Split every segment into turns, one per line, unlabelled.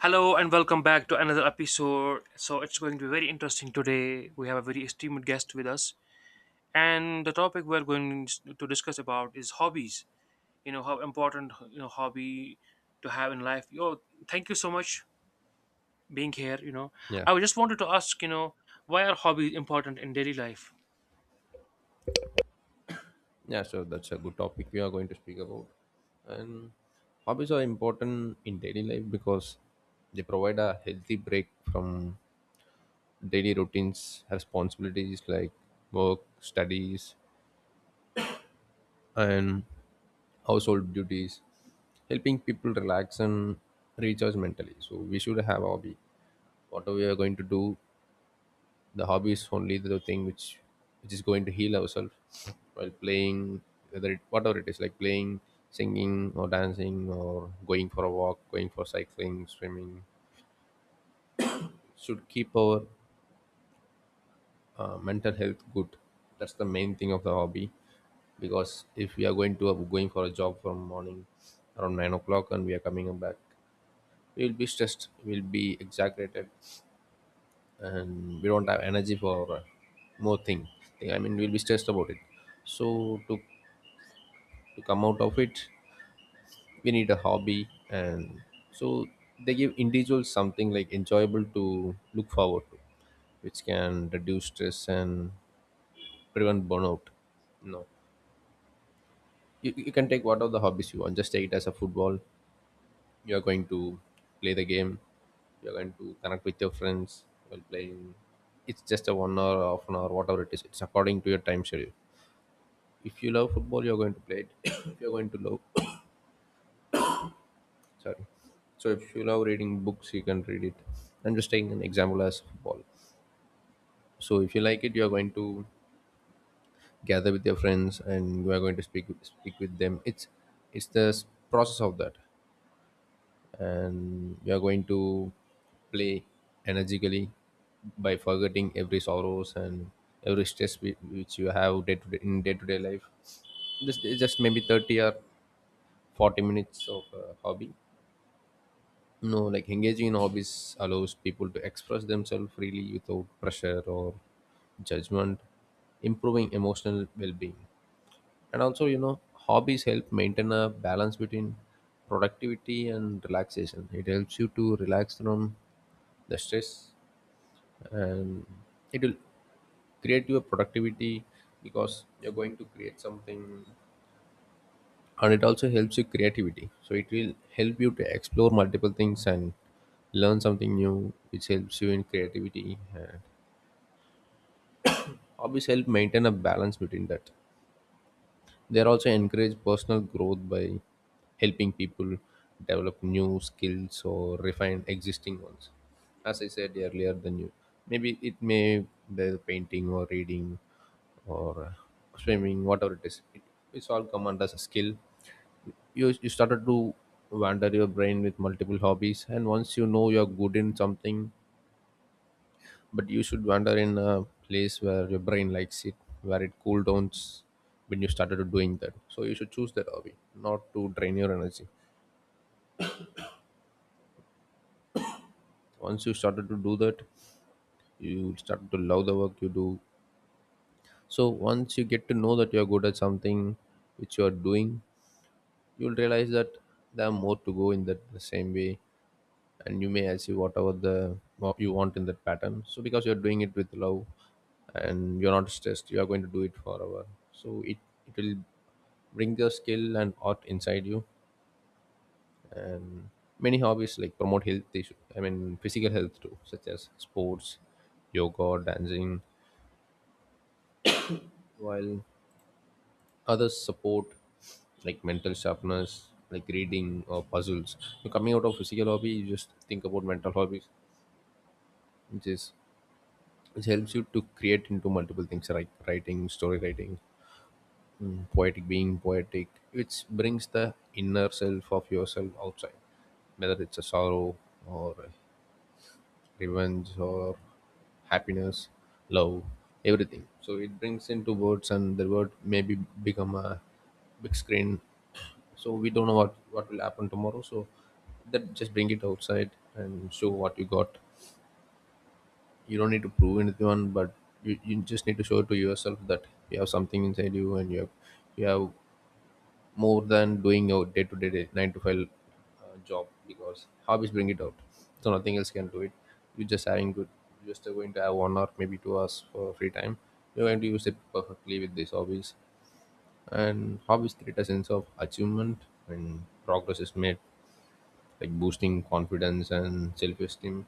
Hello and welcome back to another episode. So it's going to be very interesting today. We have a very esteemed guest with us, and the topic we're going to discuss about is hobbies. How important hobby to have in life. Yo, thank you so much being here.
Yeah,
I just wanted to ask. Why are hobbies important in daily life?
yeah, so that's a good topic we are going to speak about. And hobbies are important in daily life because they provide a healthy break from daily routines, responsibilities like work, studies, and household duties, helping people relax and recharge mentally. So we should have a hobby. Whatever we are going to do, the hobby is only the thing which is going to heal ourselves while playing, whether it whatever it is, like playing, singing or dancing, or going for a walk, going for cycling, swimming. Should keep our mental health good. That's the main thing of the hobby, because if we are going to, going for a job from morning around 9 o'clock, and we are coming back, we will be stressed, we'll be exaggerated, and we don't have energy for more thing. I mean, we'll be stressed about it. So, to to come out of it, we need a hobby. And so they give individuals something like enjoyable to look forward to, which can reduce stress and prevent burnout. No, you can take what of the hobbies you want. Just take it as a football. You are going to play the game, you're going to connect with your friends while playing. It's just a 1 hour, half an hour, whatever it is, it's according to your time schedule. If you love football, you're going to play it. If you're going to love, sorry, so if you love reading books, you can read it. I'm just taking an example as football. So if you like it, you are going to gather with your friends, and you are going to speak with them. It's it's the s- process of that, and you are going to play energically by forgetting every sorrows and every stress which you have day to day, in day to day life. This is just maybe 30 or 40 minutes of a hobby. No, like engaging in hobbies allows people to express themselves freely without pressure or judgment, improving emotional well being. And also, you know, hobbies help maintain a balance between productivity and relaxation. It helps you to relax from the stress, and it will create your productivity, because you're going to create something. And it also helps you creativity, so it will help you to explore multiple things and learn something new, which helps you in creativity. And hobbies help maintain a balance between that. They are also encourage personal growth by helping people develop new skills or refine existing ones. As I said earlier, the new, maybe it may be painting or reading or swimming, whatever it is, it, it's all come under as a skill. You started to wander your brain with multiple hobbies, and once you know you're good in something, but you should wander in a place where your brain likes it, where it cool downs. When you started to doing that, so you should choose that hobby, not to drain your energy. Once you started to do that, you started to love the work you do. So once you get to know that you're good at something which you are doing, you'll realize that there are more to go in that the same way, and you may achieve whatever the what you want in that pattern, so because you're doing it with love and you're not stressed, you are going to do it forever. So it will bring the skill and art inside you. And many hobbies like promote health issue, I mean physical health too, such as sports, yoga, dancing, while others support like mental sharpness, like reading or puzzles. So coming out of physical hobby, you just think about mental hobbies, which is which helps you to create into multiple things, like writing, story writing, poetic, being poetic, which brings the inner self of yourself outside, whether it's a sorrow or revenge or happiness, love, everything. So it brings into words, and the word maybe become a big screen. So we don't know what will happen tomorrow. So that just bring it outside and show what you got. You don't need to prove anyone, but you just need to show to yourself that you have something inside you, and you have, you have more than doing your day to day nine to five job, because hobbies bring it out. So nothing else can do it. You're just having good. You're just going to have one or maybe 2 hours for free time. You're going to use it perfectly with these hobbies. And hobbies create a sense of achievement and progress is made, like boosting confidence and self-esteem.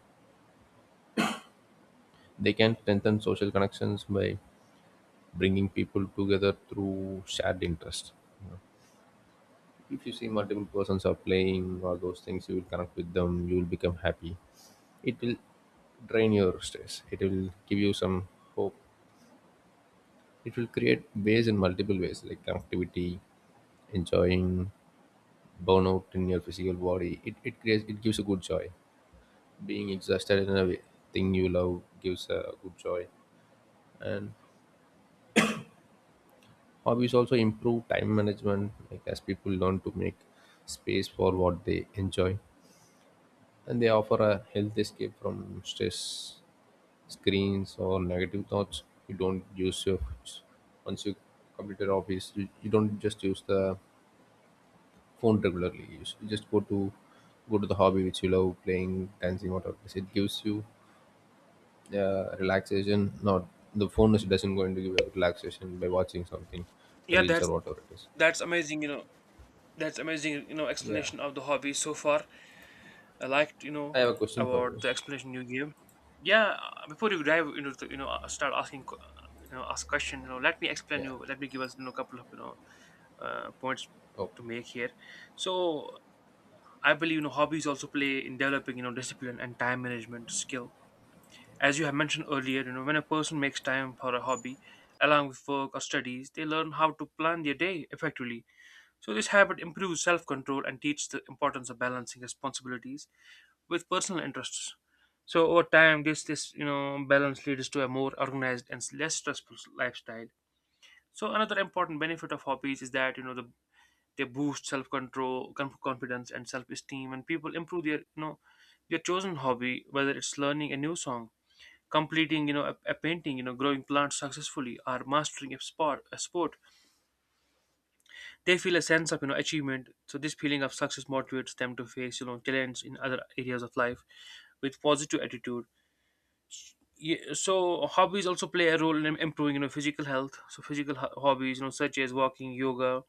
They can strengthen social connections by bringing people together through shared interest. You know. If you see multiple persons are playing all those things, you will connect with them. You will become happy. It will drain your stress. It will give you some hope. It will create ways in multiple ways, like connectivity, enjoying burnout in your physical body. It creates it gives a good joy. Being exhausted in a way, thing you love gives a good joy. And hobbies also improve time management, like as people learn to make space for what they enjoy, and they offer a healthy escape from stress, screens, or negative thoughts. You don't use your, once you complete your hobbies, you don't just use the phone regularly. You you just go to the hobby which you love, playing, dancing, whatever it is. It gives you relaxation. Not the phone is doesn't going to give you relaxation by watching something,
Yeah,
reels or
that's
whatever it is.
that's amazing. That's amazing.
Yeah.
Explanation of the hobby so far. I liked,
I have a question for you.
about the explanation you gave. Yeah, before you dive into the, start asking, ask question. Let me explain
Yeah.
you. Let me give us, a couple of, points
Okay.
to make here. So I believe, hobbies also play in developing, discipline and time management skill. As you have mentioned earlier, when a person makes time for a hobby, along with work or studies, they learn how to plan their day effectively. So this habit improves self-control and teaches the importance of balancing responsibilities with personal interests. So over time, this balance leads to a more organized and less stressful lifestyle. So another important benefit of hobbies is that they boost self control, confidence, and self esteem, and people improve their their chosen hobby, whether it's learning a new song, completing a painting, growing plants successfully, or mastering a sport. A sport, they feel a sense of achievement. So this feeling of success motivates them to face challenge in other areas of life with positive attitude. Yeah, so hobbies also play a role in improving physical health. So hobbies such as walking, yoga,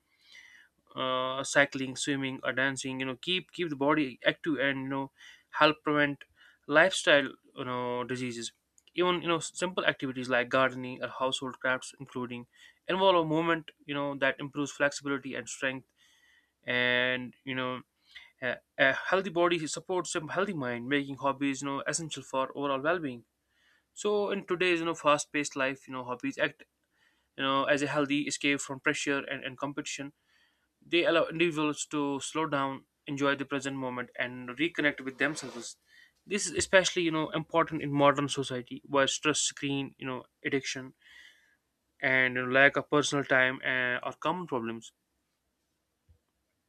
cycling, swimming, or dancing keep the body active and help prevent lifestyle diseases. Even simple activities like gardening or household crafts including involve a movement that improves flexibility and strength, and a healthy body supports a healthy mind, making hobbies essential for overall well-being. So in today's fast-paced life, hobbies act as a healthy escape from pressure and competition. They allow individuals to slow down, enjoy the present moment, and reconnect with themselves. This is especially important in modern society where stress, screen, addiction, and lack of personal time are common problems.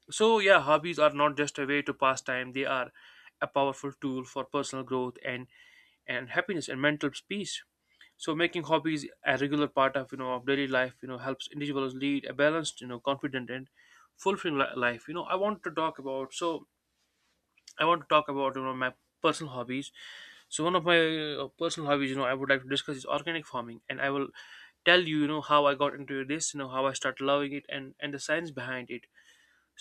So yeah, hobbies are not just a way to pass time; they are a powerful tool for personal growth and happiness and mental peace. So making hobbies a regular part of of daily life, helps individuals lead a balanced, confident and fulfilling life. I want to talk about my personal hobbies. So one of my personal hobbies, I would like to discuss is organic farming, and I will tell you, how I got into this, how I started loving it, and the science behind it.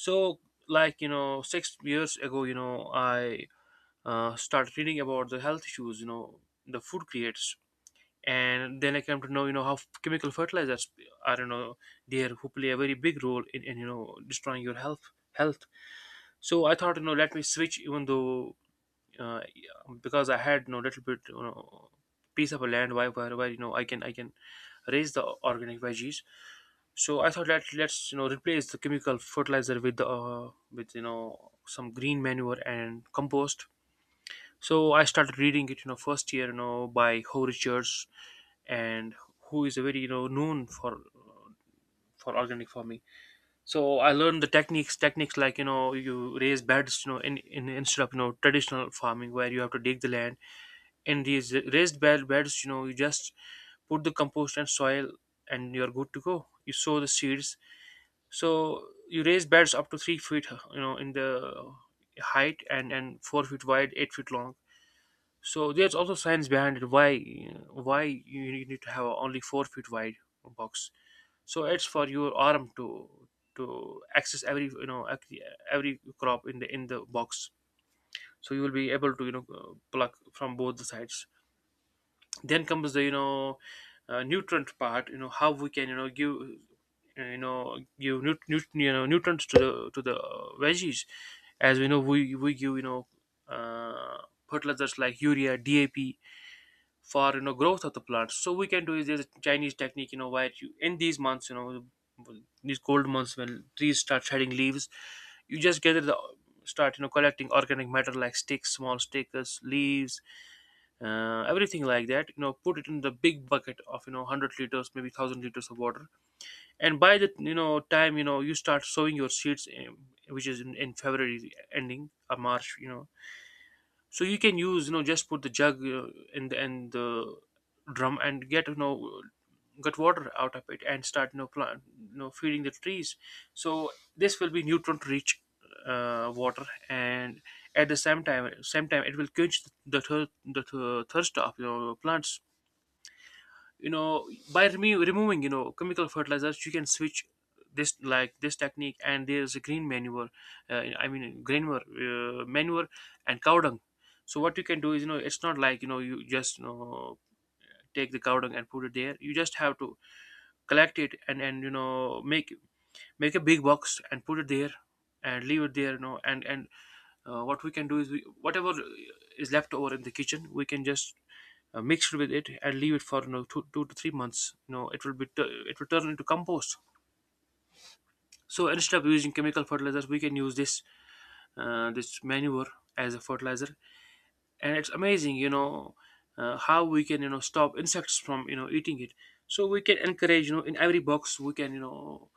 So like 6 years ago, I started reading about the health issues, the food creates, and then I come to know how chemical fertilizers are there who play a very big role in, destroying your health. So I thought let me switch, even though yeah, because I had little bit piece of a land where where I can raise the organic veggies. So I thought let's replace the chemical fertilizer with the with some green manure and compost. So I started reading it, first year, by Ho Richards, and who is a very, known for organic farming. So I learned the techniques like you raise beds, in instead of traditional farming where you have to dig the land. In these raised bed beds, you just put the compost and soil, and you're good to go. You sow the seeds. So you raise beds up to 3 feet, in the height and 4 feet wide, 8 feet long. So there's also science behind it. Why you need to have only 4 feet wide box? So it's for your arm to access every every crop in the box. So you will be able to pluck from both the sides. Then comes the nutrient part. You know how we can give give nutrients to the veggies. As we know, we give uh, fertilizers like urea, DAP for growth of the plants. So we can do is, there's a chinese technique where you in these months, these cold months when trees start shedding leaves, you just gather the start collecting organic matter like sticks, small stickers, leaves, everything like that, put it in the big bucket of 100 liters, maybe 1000 liters of water, and by the time you start sowing your seeds in, which is in, february ending or march. So you can use just put the jug, and the drum, and get get water out of it and start plant feeding the trees. So this will be nutrient rich water, and at the same time it will quench thirst of your plants. By removing chemical fertilizers, you can switch this technique. And there's a green manure, green manure and cow dung. So what you can do is, it's not like you just you know take the cow dung and put it there. You just have to collect it and make a big box and put it there and leave it there, and what we can do is whatever is left over in the kitchen we can just mix it with it and leave it for 2 to 3 months. It will be tu- it will turn into compost. So instead of using chemical fertilizers, we can use this this manure as a fertilizer. And it's amazing, how we can stop insects from eating it. So we can encourage, in every box we can,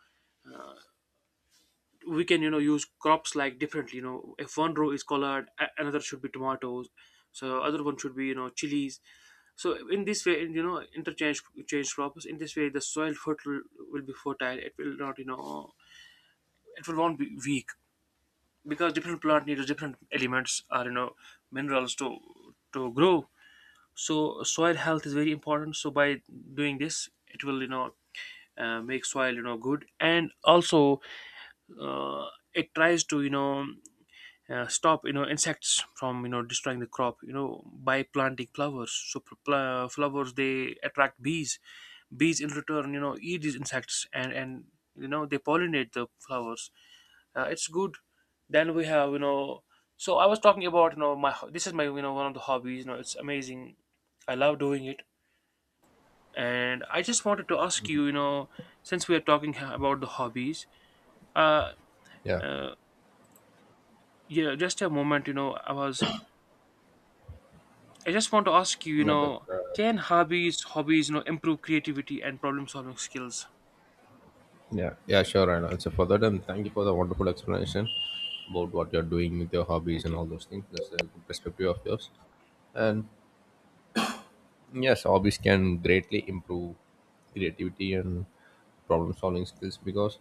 we can use crops like differently, if one row is another should be tomatoes, so other one should be chilies. So in this way, interchange change crops. In this way the soil fertile will be fertile. It will not, it will not be weak, because different plant needs different elements or minerals to grow. So soil health is very important. So by doing this, it will, make soil good. And also uh, it tries to, stop, insects from destroying the crop, by planting flowers. So flowers, they attract bees. Bees in return, eat these insects, and they pollinate the flowers. It's good. Then we have so I was talking about my this is my, one of the hobbies. It's amazing. I love doing it. And I just wanted to ask you, you know since we are talking about the hobbies, uh,
Yeah.
uh yeah, just a moment. I just want to ask you,
Yeah, that.
can hobbies, improve creativity and problem solving skills?
Yeah, yeah, sure, and will answer for that. And thank you for the wonderful explanation about what you're doing with your hobbies
Thank
and
you.
all those things. That's a good perspective of yours. And yes, hobbies can greatly improve creativity and problem solving skills because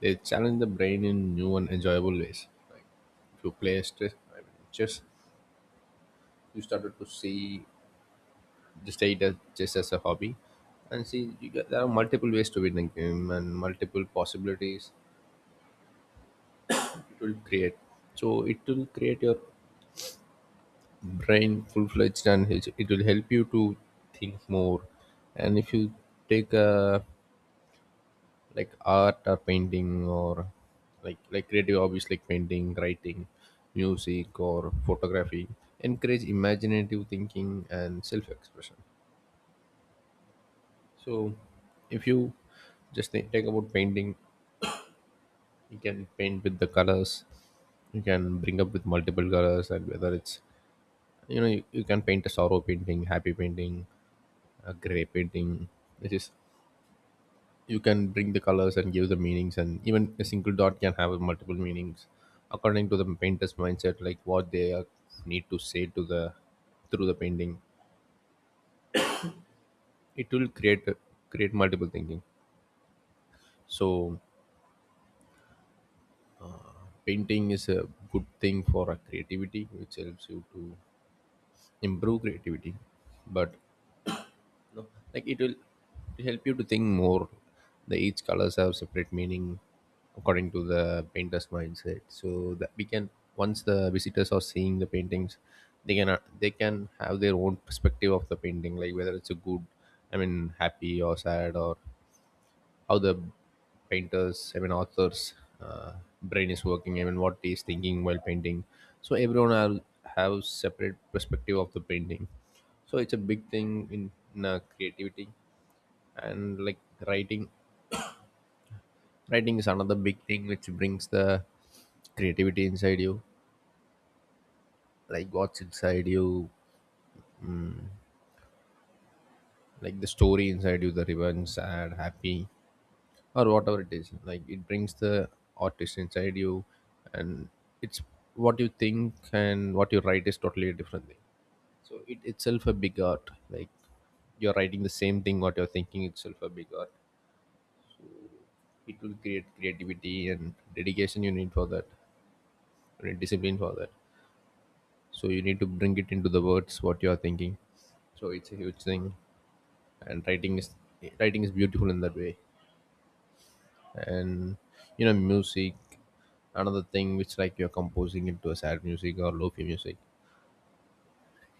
they challenge the brain in new and enjoyable ways. Like if you play stress, I mean, chess, you started to see, just take it as, just as a hobby, and see, you get, there are multiple ways to win a game and multiple possibilities. It will create, so it will create your brain full-fledged, and it will help you to think more. And if you take a, like art or painting, or like creative hobbies like painting, writing, music, or photography, encourage imaginative thinking and self-expression. So if you take about painting, you can paint with the colors, you can bring up with multiple colors, and whether it's, you know, you can paint a sorrow painting, happy painting, a gray painting, which is, you can bring the colors and give the meanings, and even a single dot can have multiple meanings according to the painter's mindset, like what they are need to say to the, through the painting. It will create create multiple thinking. So painting is a good thing for a creativity, which helps you to improve creativity. But no, like, it will help you to think more. The each colors have separate meaning according to the painter's mindset, so that we can, once the visitors are seeing the paintings, they can, they can have their own perspective of the painting, like whether it's a good, I mean, happy or sad, or how the painters, I mean authors, uh, brain is working. I mean, what he's thinking while painting. So everyone will have separate perspective of the painting. So it's a big thing in, creativity. And like writing. Writing is another big thing which brings the creativity inside you, like what's inside you, like the story inside you, the revenge, sad, happy or whatever it is, like it brings the artist inside you, and it's what you think and what you write is totally a different thing. So it itself a big art, like you're writing the same thing what you're thinking itself a big art. It will create creativity and dedication you need for that, and discipline for that. So you need to bring it into the words what you are thinking. So it's a huge thing, and writing is, writing is beautiful in that way. And you know music, another thing which like you're composing into a sad music or lofi music.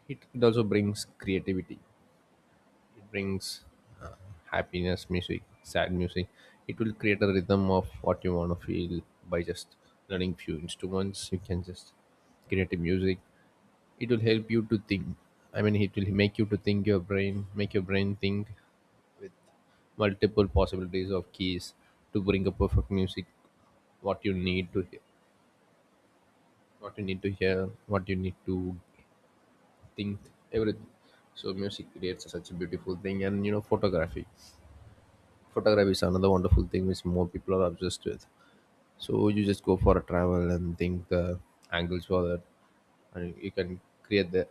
It also brings creativity. It brings uh, happiness music, sad music. It will create a rhythm of what you want to feel. By just learning few instruments you can just create a music. It will help you to think. I mean, it will make you to think your brain, make your brain think with multiple possibilities of keys to bring a perfect music, what you need to hear, what you need to hear, what you need to think, everything. So music creates such a beautiful thing, and you know photography. Photography is another wonderful thing which more people are obsessed with. So you just go for a travel and think the angles for that, and you can create the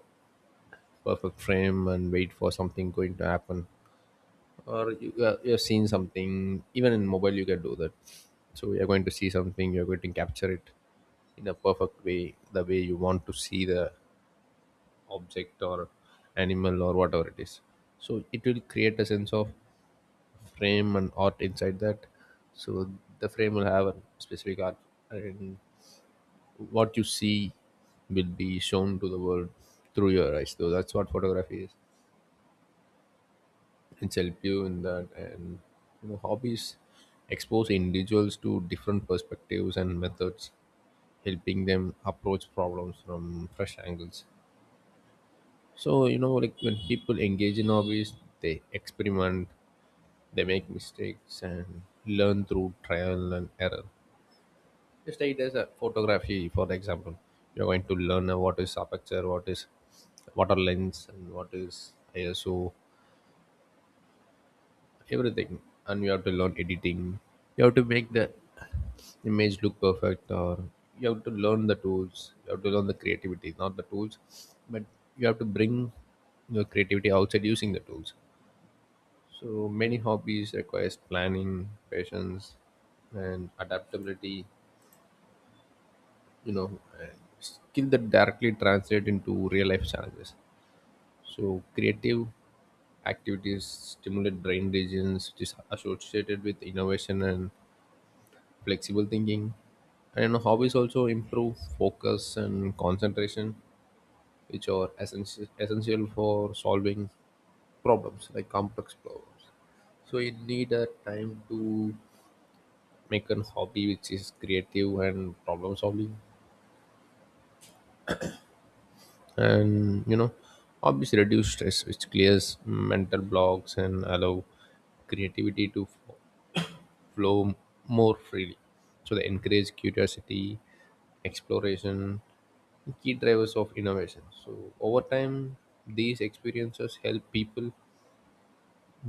perfect frame and wait for something going to happen. Or you're seeing something, even in mobile you can do that. So you're going to see something, you're going to capture it in a perfect way, the way you want to see the object or animal or whatever it is. So it will create a sense of frame and art inside that. So the frame will have a specific art, and what you see will be shown to the world through your eyes. So that's what photography is. It's help you in that. And you know hobbies expose individuals to different perspectives and methods, helping them approach problems from fresh angles. So you know, like when people engage in hobbies, they experiment, they make mistakes and learn through trial and error. If there is a photography, for example, you're going to learn what is aperture, what is, what are lens, and what is ISO, everything, and you have to learn editing. You have to make the image look perfect, or you have to learn the tools. You have to learn the creativity, not the tools, but you have to bring your creativity outside using the tools. So many hobbies requires planning, patience, and adaptability. You know, skill that directly translate into real life challenges. So creative activities stimulate brain regions it is associated with innovation and flexible thinking. And hobbies also improve focus and concentration, which are essential, essential for solving problems, like complex problems. So you need a time to make a hobby which is creative and problem solving. And you know, hobbies reduce stress, which clears mental blocks and allow creativity to flow more freely. So they encourage curiosity, exploration, key drivers of innovation. So over time these experiences help people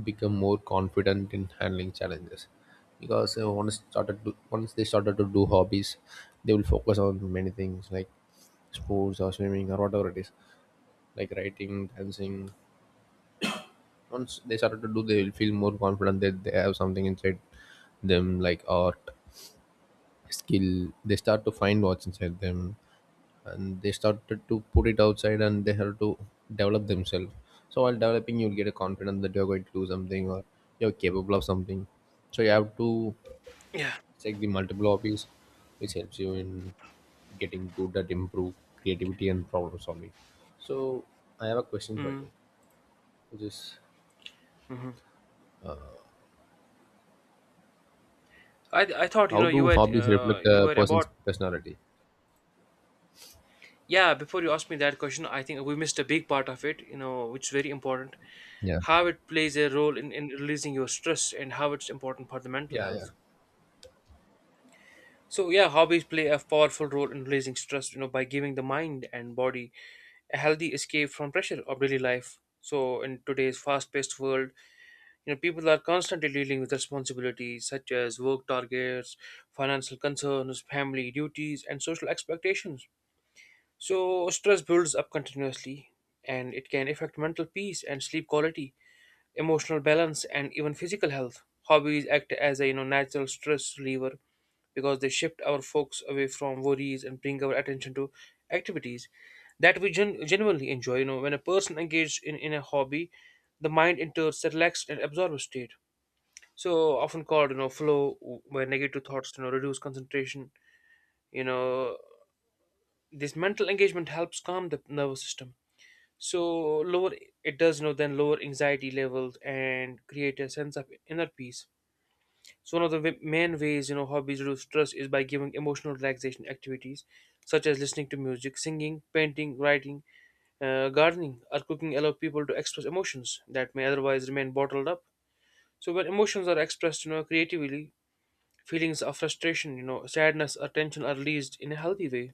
become more confident in handling challenges. Because once started to, once they started to do hobbies, they will focus on many things like sports or swimming or whatever it is, like writing, dancing. Once they started to do, they will feel more confident that they have something inside them, like art, skill. They start to find what's inside them, and they started to put it outside, and they have to develop themselves. So while developing you'll get a confidence that you're going to do something or you're capable of something. So you have to
Yeah.
check the multiple hobbies which helps you in getting good at improve creativity and problem solving. So I have a question for
Mm-hmm.
you, which is,
I thought
how do hobbies reflect
you
a
were
person's
about,
personality?
yeah, before you asked me that question, I think we missed a big part of it, which is very important.
Yeah.
How it plays a role in releasing your stress and how it's important for the mental
Yeah, yeah,
health. So yeah, hobbies play a powerful role in releasing stress, by giving the mind and body a healthy escape from pressure of daily life. So in today's fast-paced world, you know, people are constantly dealing with responsibilities such as work targets, financial concerns, family duties, and social expectations. So, stress builds up continuously and it can affect mental peace and sleep quality, emotional balance, and even physical health. Hobbies act as a natural stress reliever because they shift our focus away from worries and bring our attention to activities that we genuinely enjoy. You know, when a person engages in a hobby, the mind enters a relaxed and absorbed state so often called flow where negative thoughts reduce concentration. you know this mental engagement helps calm the nervous system, so lower, it does then lower anxiety levels and create a sense of inner peace. So one of the main ways hobbies reduce stress is by giving emotional relaxation activities such as listening to music, singing, painting, writing, gardening, or cooking allow people to express emotions that may otherwise remain bottled up. So when emotions are expressed, creatively, feelings of frustration, sadness, or tension are released in a healthy way.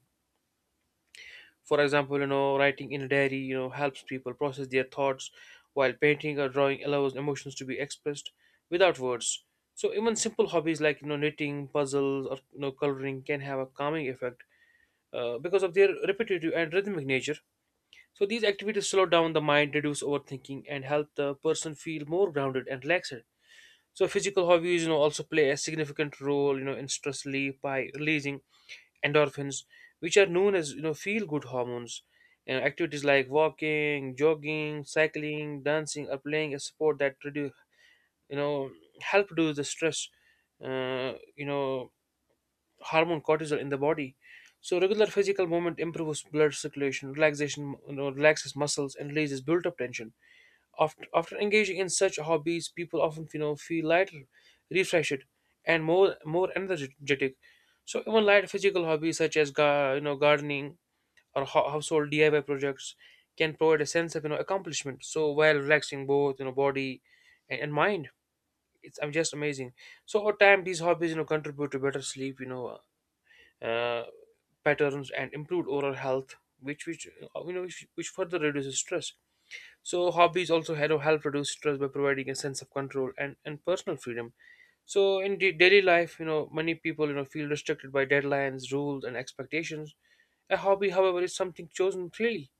For example, writing in a diary, helps people process their thoughts, while painting or drawing allows emotions to be expressed without words. So even simple hobbies like knitting, puzzles, or coloring can have a calming effect, because of their repetitive and rhythmic nature. So these activities slow down the mind, reduce overthinking, and help the person feel more grounded and relaxed. So physical hobbies, also play a significant role, in stress relief by releasing endorphins, which are known as feel good hormones. And activities like walking, jogging, cycling, dancing, or playing a sport that reduce you know help reduce the stress, uh, you know hormone cortisol in the body. So regular physical movement improves blood circulation, relaxation, relaxes muscles and releases built-up tension. After engaging in such hobbies, people often feel lighter, refreshed, and more energetic. So even light physical hobbies such as gardening or household DIY projects can provide a sense of accomplishment. So while relaxing both body and mind, it's I'm just amazing. So over time, these hobbies contribute to better sleep, uh, patterns and improved oral health, which you know which further reduces stress. So hobbies also help reduce stress by providing a sense of control and personal freedom. So in daily life, many people feel restricted by deadlines, rules, and expectations. A hobby, however, is something chosen freely,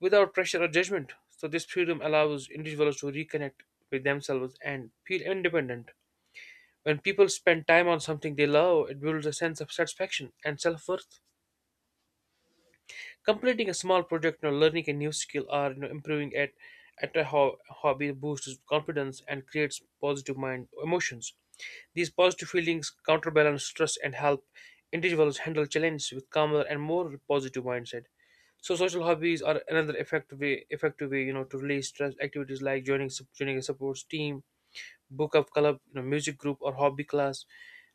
without pressure or judgment. So this freedom allows individuals to reconnect with themselves and feel independent. When people spend time on something they love, it builds a sense of satisfaction and self worth. Completing a small project, learning a new skill, or improving at at a hobby boosts confidence and creates positive mind emotions. These positive feelings counterbalance stress and help individuals handle challenges with calmer and more positive mindset. So social hobbies are another effective way, to release stress. Activities like joining a support team, book up club, music group, or hobby class.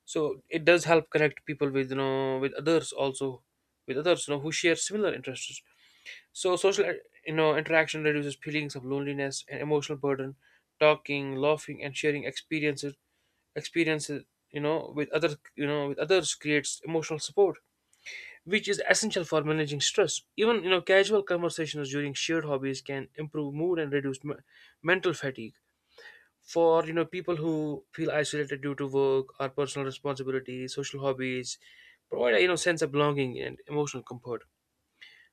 So it does help connect people with with others also, with others who share similar interests. So social, interaction reduces feelings of loneliness and emotional burden. Talking, laughing, and sharing experiences, with other, with others creates emotional support, which is essential for managing stress. Even casual conversations during shared hobbies can improve mood and reduce mental fatigue. For people who feel isolated due to work or personal responsibilities, social hobbies provide a sense of belonging and emotional comfort.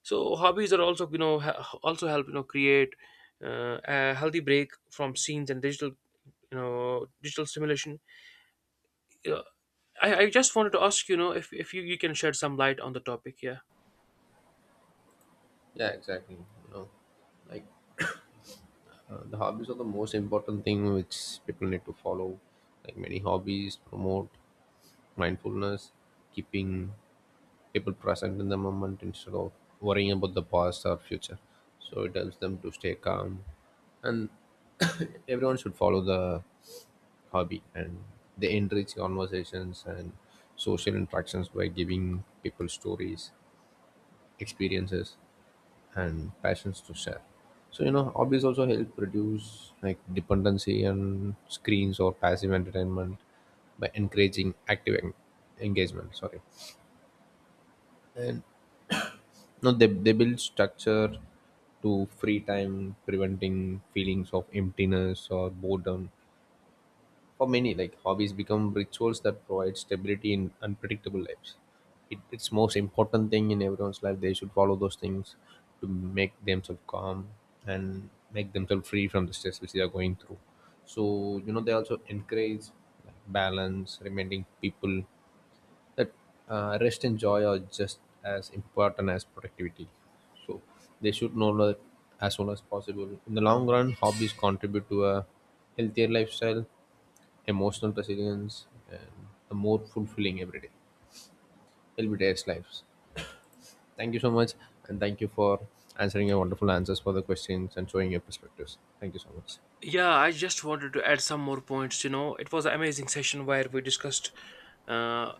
So hobbies are also also help create a healthy break from scenes and digital digital stimulation. you know, I just wanted to ask if you can shed some light on the topic, yeah.
yeah, exactly. You know, like the hobbies are the most important thing which people need to follow. Like many hobbies promote mindfulness, keeping people present in the moment instead of worrying about the past or future. So it helps them to stay calm, and everyone should follow the hobby. And they enrich conversations and social interactions by giving people stories, experiences, and passions to share. So you know, hobbies also help reduce like dependency on screens or passive entertainment by encouraging active engagement, sorry. And no, they build structure to free time, preventing feelings of emptiness or boredom. For many, like hobbies become rituals that provide stability in unpredictable lives. It's most important thing in everyone's life. They should follow those things to make themselves calm and make themselves free from the stress which they are going through. So you know, they also encourage like balance, reminding people that rest and joy are just as important as productivity. So they should know that as soon as possible. In the long run, hobbies contribute to a healthier lifestyle, emotional resilience, and a more fulfilling everyday lives. Thank you so much, and thank you for answering your wonderful answers for the questions and showing your perspectives. Thank you so much.
Yeah, I just wanted to add some more points. You know, it was an amazing session where we discussed, uh,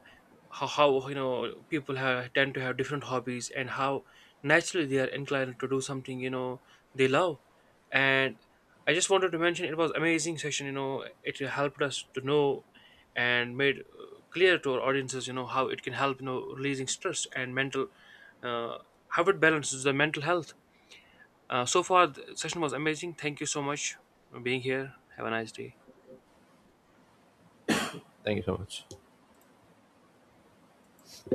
how people have tend to have different hobbies and how naturally they are inclined to do something they love. And I just wanted to mention it was amazing session. You know, it helped us to know and made clear to our audiences how it can help releasing stress and mental, uh, how it balances the mental health. So far, the session was amazing. Thank you so much for being here. Have a nice day.
Thank you so much.